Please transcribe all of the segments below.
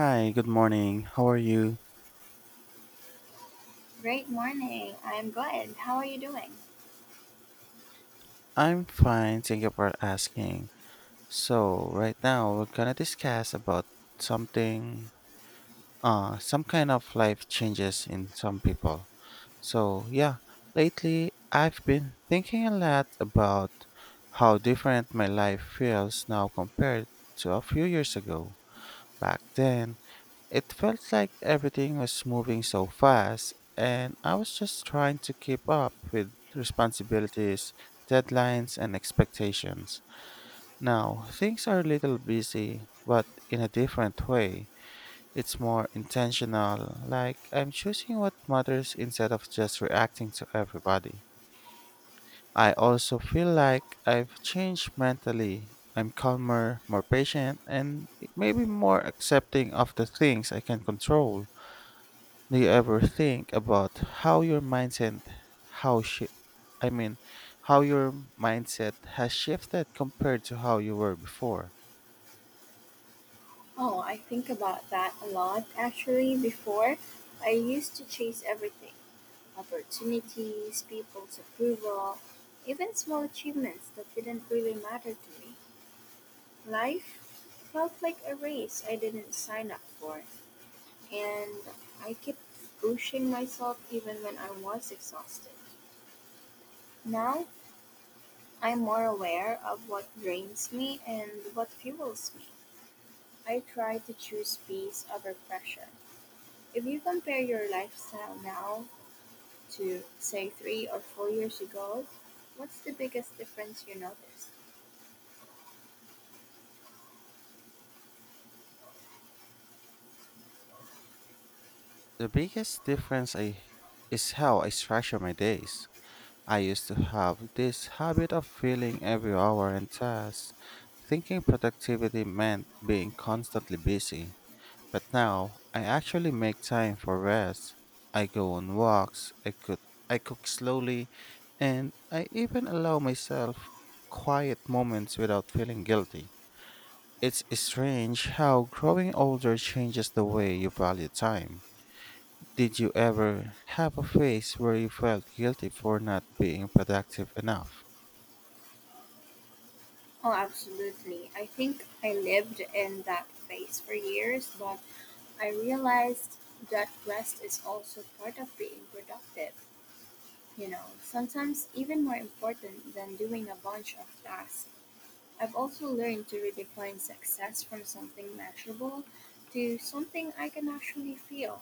Hi, good morning. How are you? Great morning. I'm good. How are you doing? I'm fine, thank you for asking. So, right now we're gonna discuss about something some kind of life changes in some people. So, yeah, lately I've been thinking a lot about how different my life feels now compared to a few years ago. Back then, it felt like everything was moving so fast, and I was just trying to keep up with responsibilities, deadlines, and expectations. Now, things are a little busy, but in a different way. It's more intentional, like I'm choosing what matters instead of just reacting to everybody. I also feel like I've changed mentally. I'm calmer, more patient, and maybe more accepting of the things I can control. Do you ever think about how your mindset how shi I mean how your mindset has shifted compared to how you were before? Oh, I think about that a lot actually. Before, I used to chase everything opportunities, people's approval, even small achievements that didn't really matter to me. Life felt like a race I didn't sign up for, and I kept pushing myself even when I was exhausted. Now, I'm more aware of what drains me and what fuels me. I try to choose peace over pressure. If you compare your lifestyle now to, say, three or four years ago, what's the biggest difference you noticed? The biggest difference I is how I structure my days. I used to have this habit of filling every hour and task, thinking productivity meant being constantly busy. But now I actually make time for rest. I go on walks, I cook slowly, and I even allow myself quiet moments without feeling guilty. It's strange how growing older changes the way you value time. Did you ever have a phase where you felt guilty for not being productive enough? Oh, absolutely. I think I lived in that phase for years, but I realized that rest is also part of being productive. You know, sometimes even more important than doing a bunch of tasks. I've also learned to redefine success from something measurable to something I can actually feel,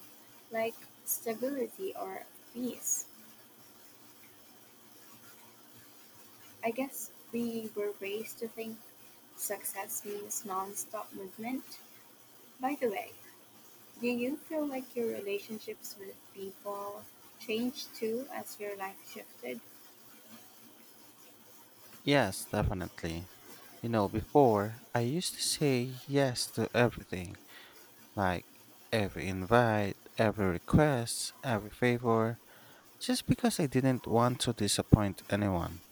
like stability or peace. I guess we were raised to think success means non stop movement. By the way, do you feel like your relationships with people changed too as your life shifted? Yes, definitely. You know, before I used to say yes to everything, like every invite, every request, every favor, just because I didn't want to disappoint anyone.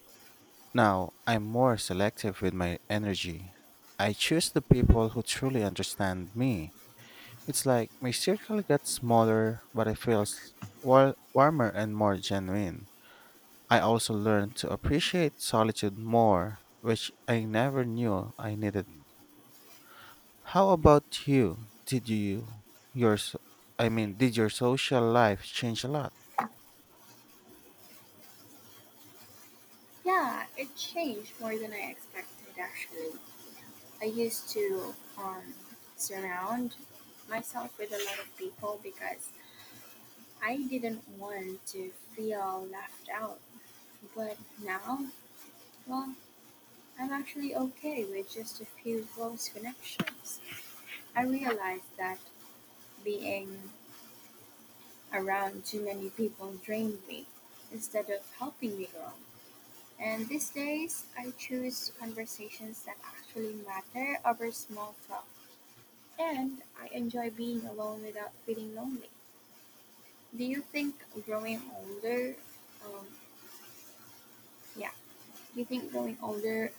Now, I'm more selective with my energy. I choose the people who truly understand me. It's like my circle gets smaller, but it feels warmer and more genuine. I also learned to appreciate solitude more, which I never knew I needed. How about you? Did you your s- I mean, did your social life change a lot? Yeah, it changed more than I expected actually. I used to surround myself with a lot of people because I didn't want to feel left out. But now, well, I'm actually okay with just a few close connections. I realized that being around too many people drained me instead of helping me grow. And these days, I choose conversations that actually matter over small talk. And I enjoy being alone without feeling lonely. Do you think growing older, um, yeah, do you think growing older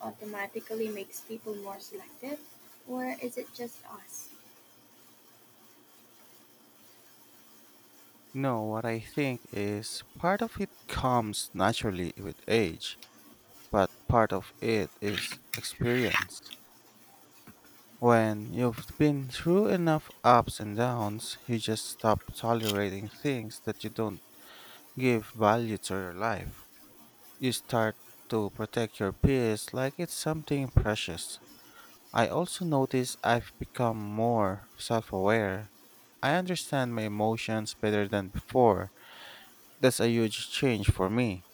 automatically makes people more selective, or is it just us? No, what I think is part of it comes naturally with age, but part of it is experience. When you've been through enough ups and downs, you just stop tolerating things that you don't give value to your life. You start to protect your peace like it's something precious. I also notice I've become more self aware. I understand my emotions better than before. That's a huge change for me.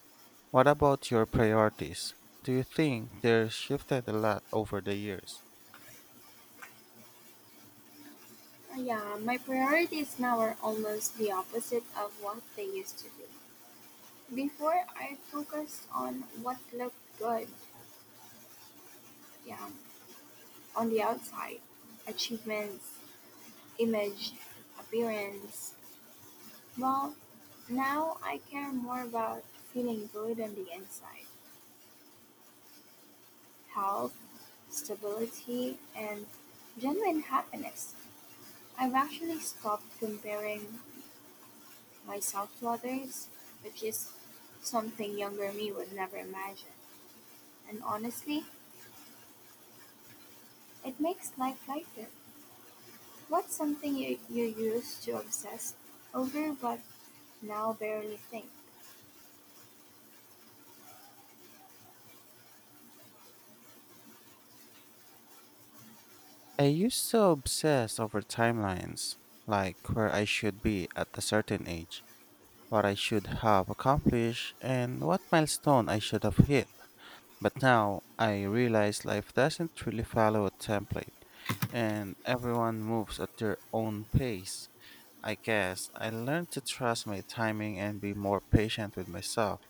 What about your priorities? Do you think they're shifted a lot over the years? Yeah, my priorities now are almost the opposite of what they used to be. Before, I focused on what looked good, yeah, on the outside, achievements, image, appearance. Well, now I care more about feeling good on the inside, health, stability, and genuine happiness. I've actually stopped comparing myself to others, which is something younger me would never imagine. And honestly, it makes life lighter. What's something you used to obsess over but now barely think? I used to obsess over timelines, like where I should be at a certain age, what I should have accomplished, and what milestone I should have hit. But now I realize life doesn't really follow a template, and everyone moves at their own pace. I guess I learned to trust my timing and be more patient with myself.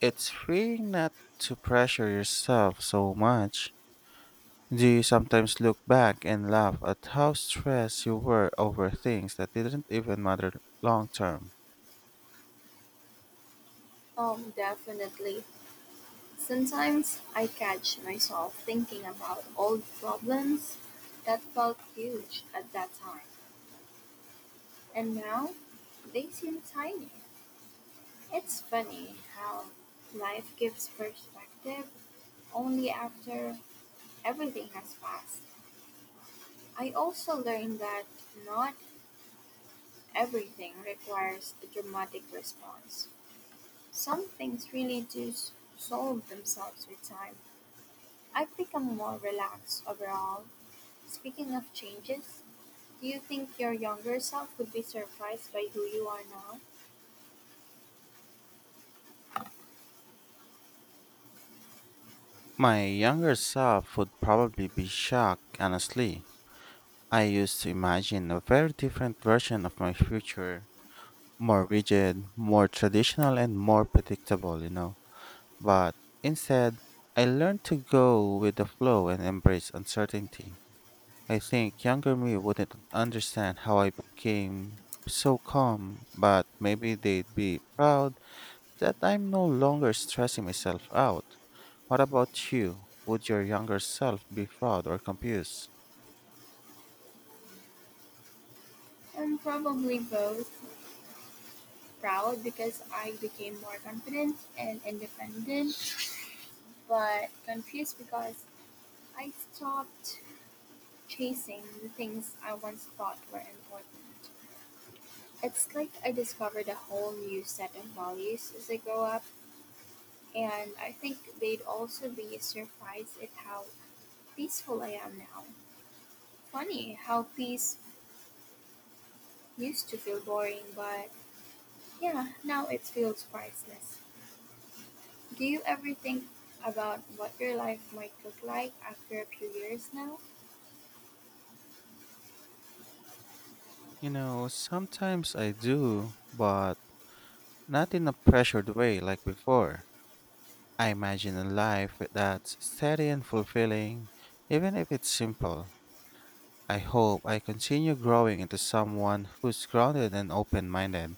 It's freeing not to pressure yourself so much. Do you sometimes look back and laugh at how stressed you were over things that didn't even matter long term? Definitely. Sometimes I catch myself thinking about old problems that felt huge at that time, and now they seem tiny. It's funny how life gives perspective only after everything has passed. I also learned that not everything requires a dramatic response. Some things really solve themselves with time. I've become more relaxed overall. Speaking of changes, do you think your younger self would be surprised by who you are now? My younger self would probably be shocked, honestly. I used to imagine a very different version of my future, more rigid, more traditional, and more predictable, you know. But instead, I learned to go with the flow and embrace uncertainty. I think younger me wouldn't understand how I became so calm, but maybe they'd be proud that I'm no longer stressing myself out. What about you? Would your younger self be proud or confused? I'm probably both proud because I became more confident and independent, but confused because I stopped chasing the things I once thought were important. It's like I discovered a whole new set of values as I grow up, and I think they'd also be surprised at how peaceful I am now. Funny how peace used to feel boring, but yeah, now it feels priceless. Do you ever think about what your life might look like after a few years now? You know, sometimes I do, but not in a pressured way like before. I imagine a life that's steady and fulfilling, even if it's simple. I hope I continue growing into someone who's grounded and open minded.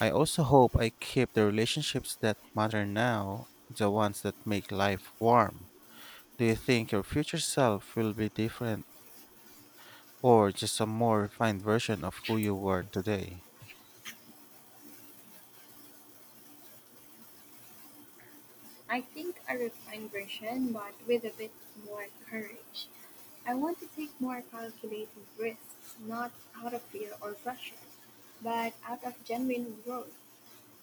I also hope I keep the relationships that matter now, the ones that make life warm. Do you think your future self will be different or just a more refined version of who you were today? I think a refined version, but with a bit more courage. I want to take more calculated risks, not out of fear or pressure, but out of genuine growth.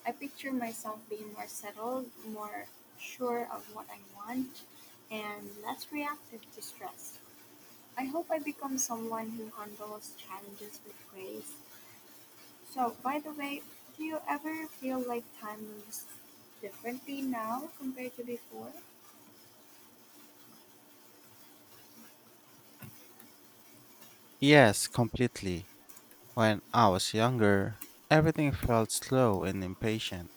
I picture myself being more settled, more sure of what I want, and less reactive to stress. I hope I become someone who handles challenges with grace. So, by the way, do you ever feel like time moves differently now compared to before? Yes, completely. When I was younger, everything felt slow and impatient.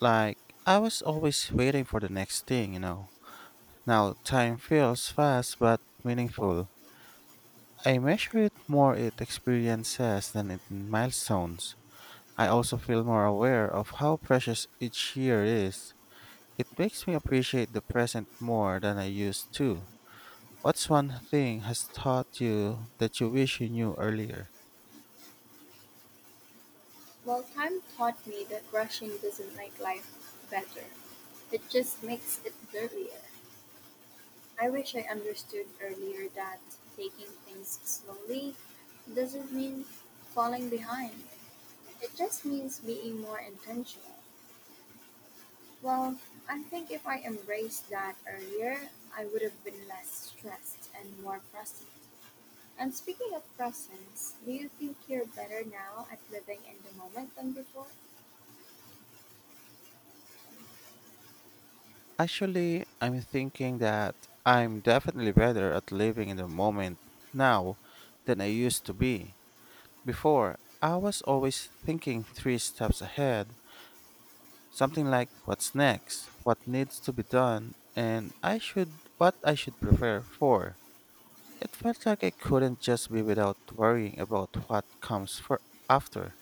Like, I was always waiting for the next thing, you know. Now, time feels fast but meaningful. I measure it more in experiences than in milestones. I also feel more aware of how precious each year is. It makes me appreciate the present more than I used to. What's one thing has taught you that you wish you knew earlier? Well, time taught me that rushing doesn't make life better. It just makes it dirtier. I wish I understood earlier that taking things slowly doesn't mean falling behind. It just means being more intentional. Well, I think if I embraced that earlier, I would have been less stressed and more present. And speaking of presence, do you think you're better now at living in the moment than before? Actually, I'm thinking that I'm definitely better at living in the moment now than I used to be. Before, I was always thinking three steps ahead, something like what's next, what needs to be done, and I should what I should prepare for. It felt like I couldn't just be without worrying about what comes for after.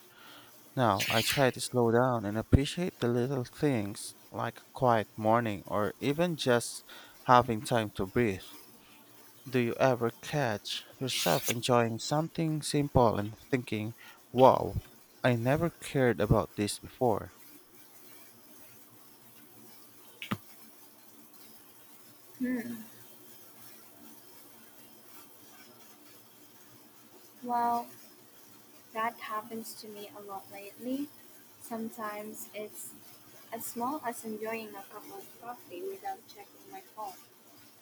Now, I try to slow down and appreciate the little things, like a quiet morning or even just having time to breathe. Do you ever catch yourself enjoying something simple and thinking, wow, I never cared about this before? Hmm. Well, that happens to me a lot lately. Sometimes it's as small as enjoying a cup of coffee without checking my phone,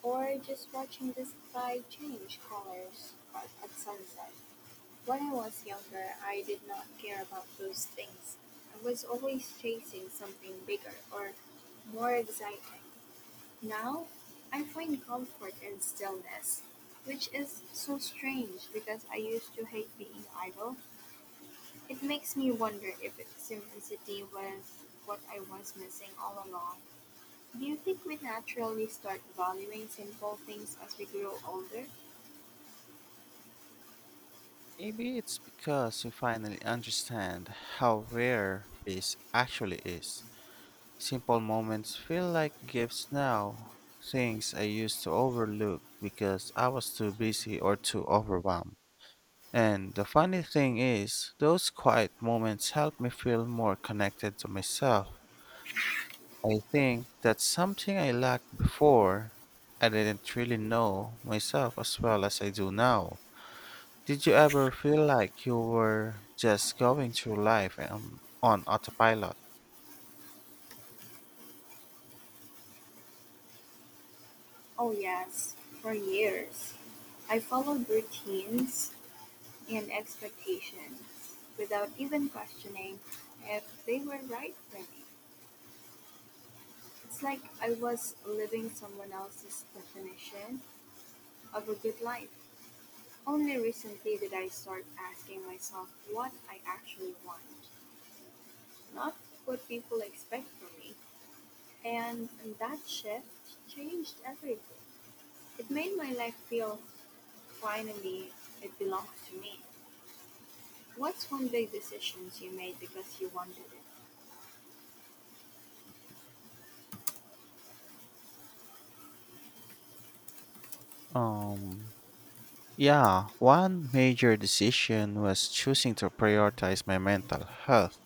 or just watching the sky change colors at sunset. When I was younger, I did not care about those things. I was always chasing something bigger or more exciting. Now, I find comfort in stillness, which is so strange because I used to hate being idle. It makes me wonder if simplicity was what I was missing all along. Do you think we naturally start valuing simple things as we grow older? Maybe it's because you finally understand how rare peace actually is. Simple moments feel like gifts now, things I used to overlook because I was too busy or too overwhelmed. And the funny thing is, those quiet moments help me feel more connected to myself. I think that's something I lacked before. I didn't really know myself as well as I do now. Did you ever feel like you were just going through life on autopilot? Oh, yes, for years. I followed routines and expectations without even questioning if they were right for me. It's like I was living someone else's definition of a good life. Only recently did I start asking myself what I actually want, not what people expect from me. And that shift changed everything. It made my life feel finally it belongs to me. What's one big decision you made because you wanted it? Um, yeah, one major decision was choosing to prioritize my mental health,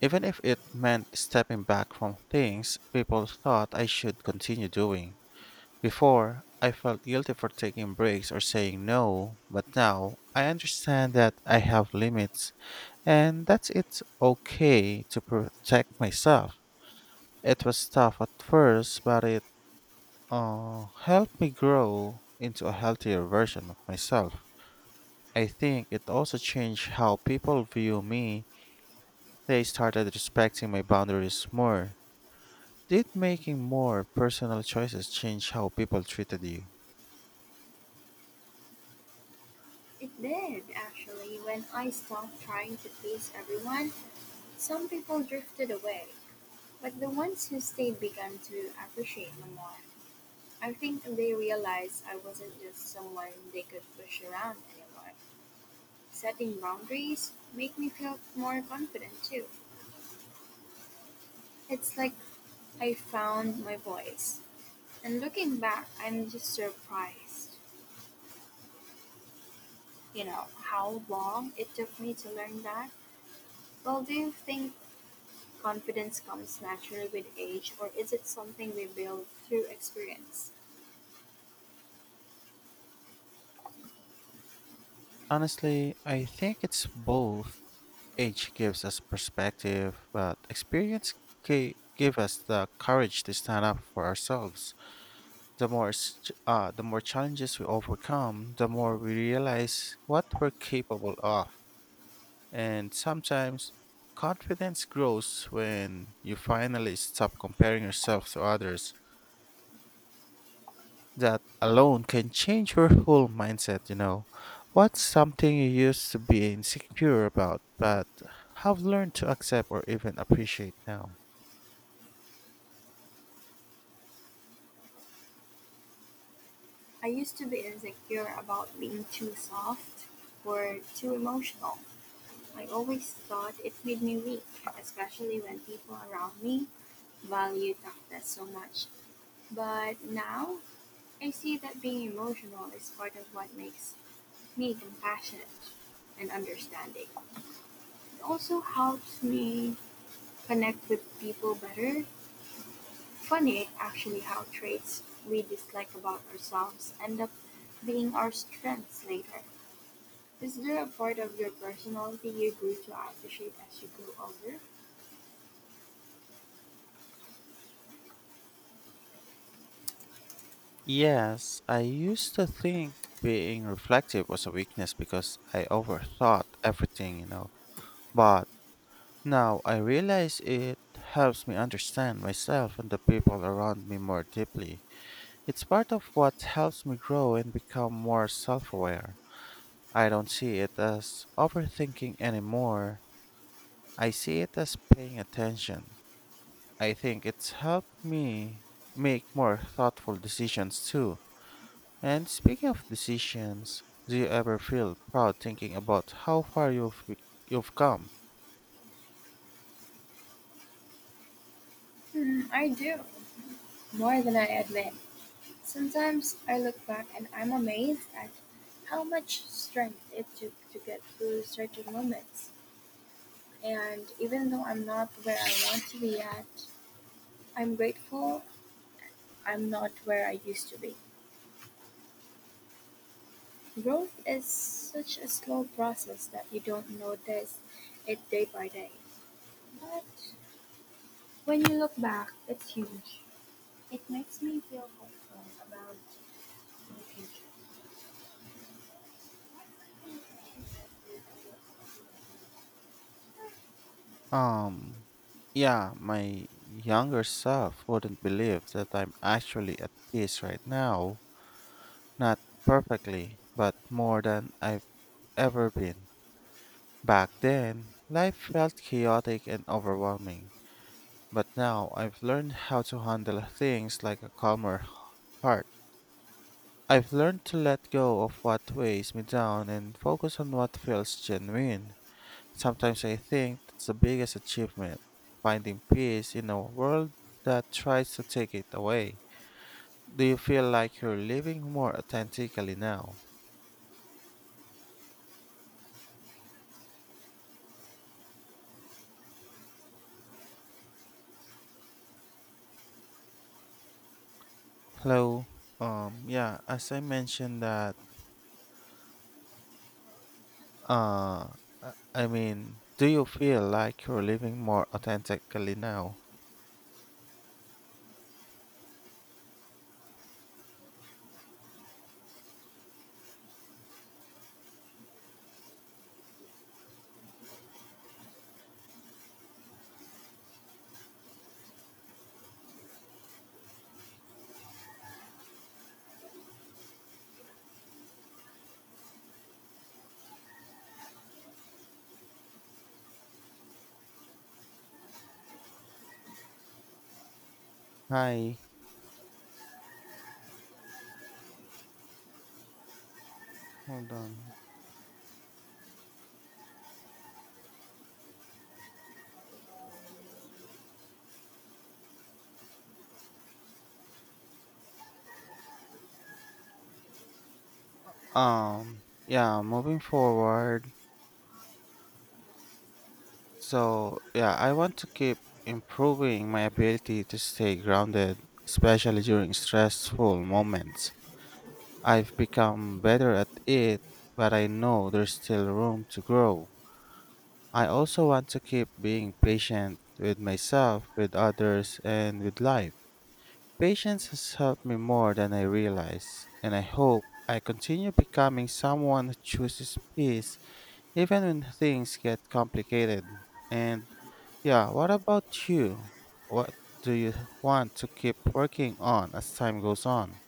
even if it meant stepping back from things people thought I should continue doing. Before, I felt guilty for taking breaks or saying no, but now I understand that I have limits and that it's okay to protect myself. It was tough at first, but it helped me grow into a healthier version of myself. I think it also changed how people view me. They started respecting my boundaries more. Did making more personal choices change how people treated you? It did, actually, when I stopped trying to please everyone some people drifted away. But the ones who stayed began to appreciate me more. I think they realized I wasn't just someone they could push around anymore. Setting boundaries make me feel more confident too. It's like I found my voice. And looking back, I'm just surprised, you know, how long it took me to learn that. Well, do you think confidence comes naturally with age, or is it something we build through experience? Honestly, I think it's both. Age gives us perspective, but experience give us the courage to stand up for ourselves. The more challenges we overcome, the more we realize what we're capable of. And sometimes confidence grows when you finally stop comparing yourself to others. That alone can change your whole mindset, you know. What's something you used to be insecure about, but have learned to accept or even appreciate now? I used to be insecure about being too soft or too emotional. I always thought it made me weak, especially when people around me value toughness so much. But now, I see that being emotional is part of what makes me compassionate and understanding. It also helps me connect with people better. Funny, actually, how traits we dislike about ourselves end up being our strengths later. Is there a part of your personality you grew to appreciate as you grew older? Yes, I used to think being reflective was a weakness because I overthought everything, you know. But now I realize it helps me understand myself and the people around me more deeply. It's part of what helps me grow and become more self aware. I don't see it as overthinking anymore. I see it as paying attention. I think it's helped me make more thoughtful decisions too. And speaking of decisions, do you ever feel proud thinking about how far you've come? Hmm, I do, more than I admit. Sometimes I look back and I'm amazed at how much strength it took to get through certain moments. And even though I'm not where I want to be at, I'm grateful I'm not where I used to be. Growth is such a slow process that you don't notice it day by day. But when you look back, it's huge. It makes me feel hopeful about the future. Um yeah, my younger self wouldn't believe that I'm actually at peace right now. Not perfectly, but more than I've ever been. Back then, life felt chaotic and overwhelming, but now I've learned how to handle things like a heart. I've learned to let go of what weighs me down and focus on what feels genuine. Sometimes I think that's the biggest achievement, finding peace in a world that tries to take it away. Do you feel like you're living more authentically now? Hello. Yeah, as I mentioned that. Uh, I mean, do you feel like you're living more authentically now? Hi. Hold on. Yeah, moving forward. So, yeah, I want to keep improving my ability to stay grounded, especially during stressful moments. I've become better at it, but I know there's still room to grow. I also want to keep being patient with myself, with others, and with life. Patience has helped me more than I realize, and I hope I continue becoming someone who chooses peace even when things get complicated. And yeah, what about you? What do you want to keep working on as time goes on?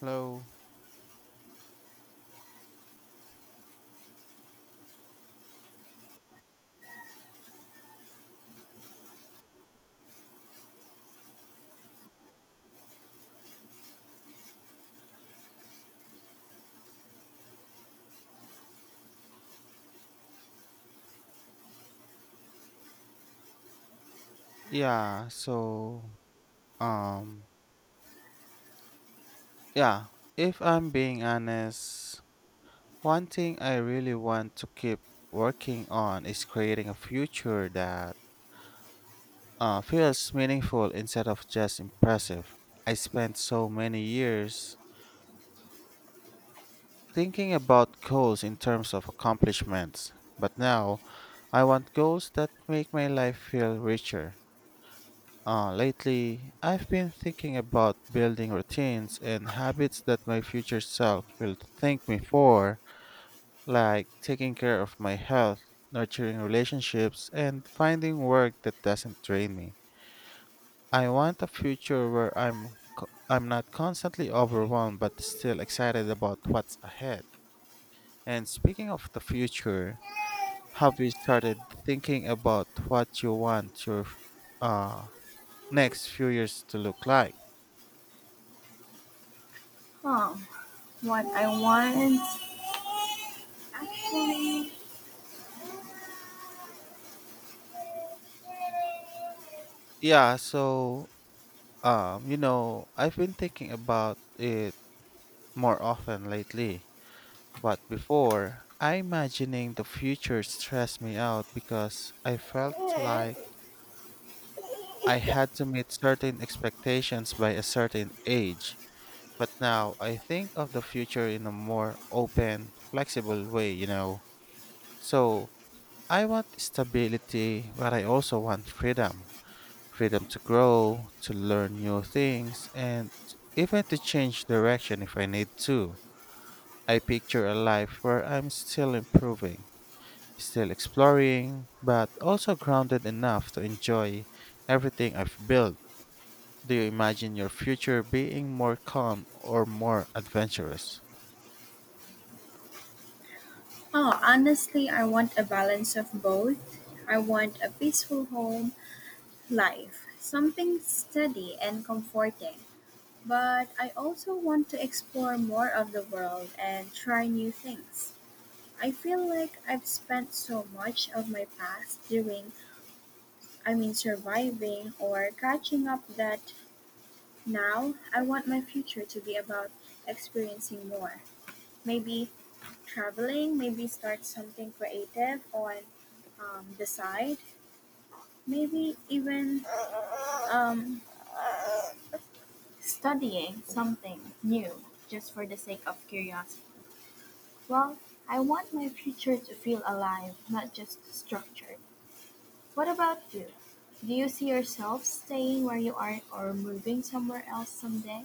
Hello. Yeah, so um yeah, if I'm being honest, one thing I really want to keep working on is creating a future that feels meaningful instead of just impressive. I spent so many years thinking about goals in terms of accomplishments, but now I want goals that make my life feel richer. Lately, I've been thinking about building routines and habits that my future self will thank me for, like taking care of my health, nurturing relationships, and finding work that doesn't drain me. I want a future where I'm not constantly overwhelmed but still excited about what's ahead. And speaking of the future, have you started thinking about what you want your uh next few years to look like? Huh. What I Yeah, want. Actually, yeah, so you know, I've been thinking about it more often lately. But before, I imagining the future stressed me out because I felt like I had to meet certain expectations by a certain age. But now I think of the future in a more open, flexible way, you know. So I want stability, but I also want freedom, freedom to grow, to learn new things, and even to change direction if I need to. I picture a life where I'm still improving, still exploring, but also grounded enough to enjoy everything I've built. Do you imagine your future being more calm or more adventurous? oh, honestly, I want a balance of both. I want a peaceful home life, something steady and comforting. But I also want to explore more of the world and try new things. I feel like I've spent so much of my past doing, I mean, surviving or catching up that now I want my future to be about experiencing more. Maybe traveling, maybe start something creative on the side, maybe even um, studying something new just for the sake of curiosity. Well, I want my future to feel alive, not just structured. What about you? Do you see yourself staying where you are or moving somewhere else someday?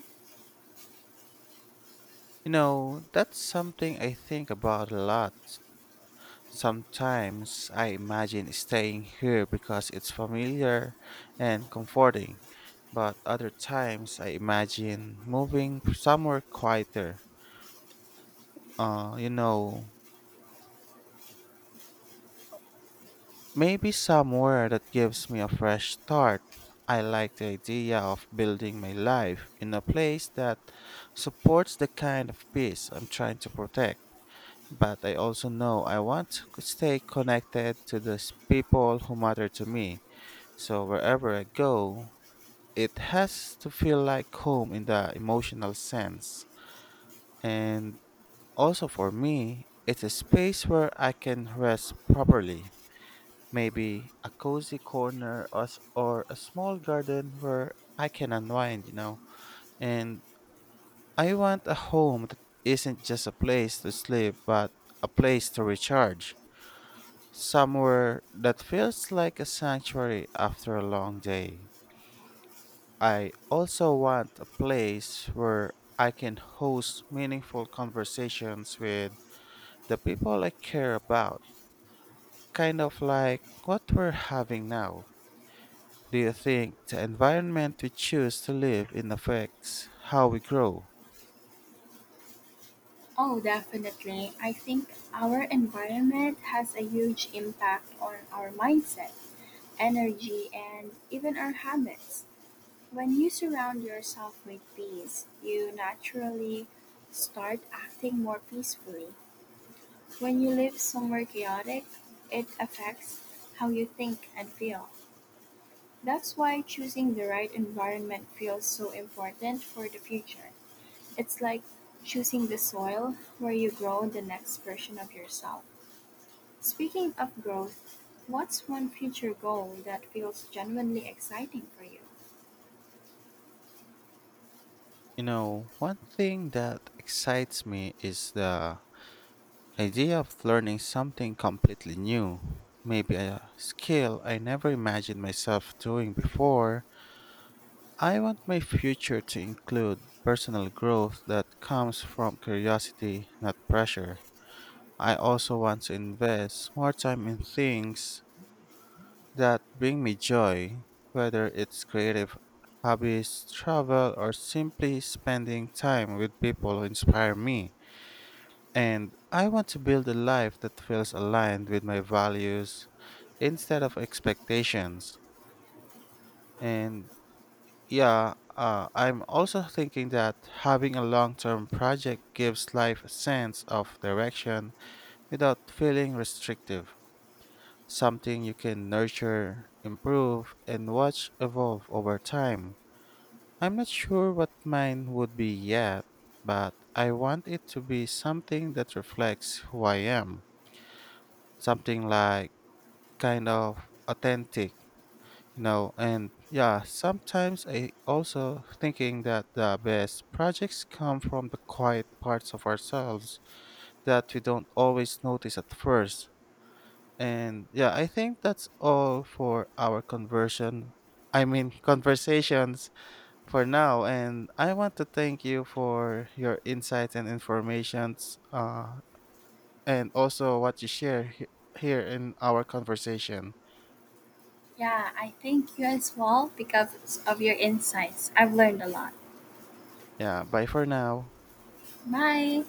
You know, that's something I think about a lot. Sometimes I imagine staying here because it's familiar and comforting, but other times I imagine moving somewhere quieter. You know, maybe somewhere that gives me a fresh start. I like the idea of building my life in a place that supports the kind of peace I'm trying to protect. But I also know I want to stay connected to the people who matter to me. So wherever I go, it has to feel like home in the emotional sense. And also for me, it's a space where I can rest properly. Maybe a cozy corner or, or a small garden where I can unwind, you know. And I want a home that isn't just a place to sleep, but a place to recharge. Somewhere that feels like a sanctuary after a long day. I also want a place where I can host meaningful conversations with the people I care about, kind of like what we're having now. Do you think the environment we choose to live in affects how we grow? Oh, definitely. I think our environment has a huge impact on our mindset, energy, and even our habits. When you surround yourself with peace, you naturally start acting more peacefully. When you live somewhere chaotic, it affects how you think and feel. That's why choosing the right environment feels so important for the future. It's like choosing the soil where you grow the next version of yourself. Speaking of growth, what's one future goal that feels genuinely exciting for you? You know, one thing that excites me is the idea of learning something completely new. Maybe a skill I never imagined myself doing before. I want my future to include personal growth that comes from curiosity, not pressure. I also want to invest more time in things that bring me joy, whether it's creative hobbies, travel, or simply spending time with people who inspire me. And I want to build a life that feels aligned with my values instead of expectations. And yeah, I'm also thinking that having a long term project gives life a sense of direction without feeling restrictive, something you can nurture, improve, and watch evolve over time. I'm not sure what mine would be yet, but I want it to be something that reflects who I am. Something like kind of authentic, you know, and yeah, sometimes I also thinking that the best projects come from the quiet parts of ourselves that we don't always notice at first. And yeah, I think that's all for our conversations for now. And I want to thank you for your insights and informations, and also what you here in our conversation. Yeah, I thank you as well because of your insights. I've learned a lot. Yeah, bye for now. Bye.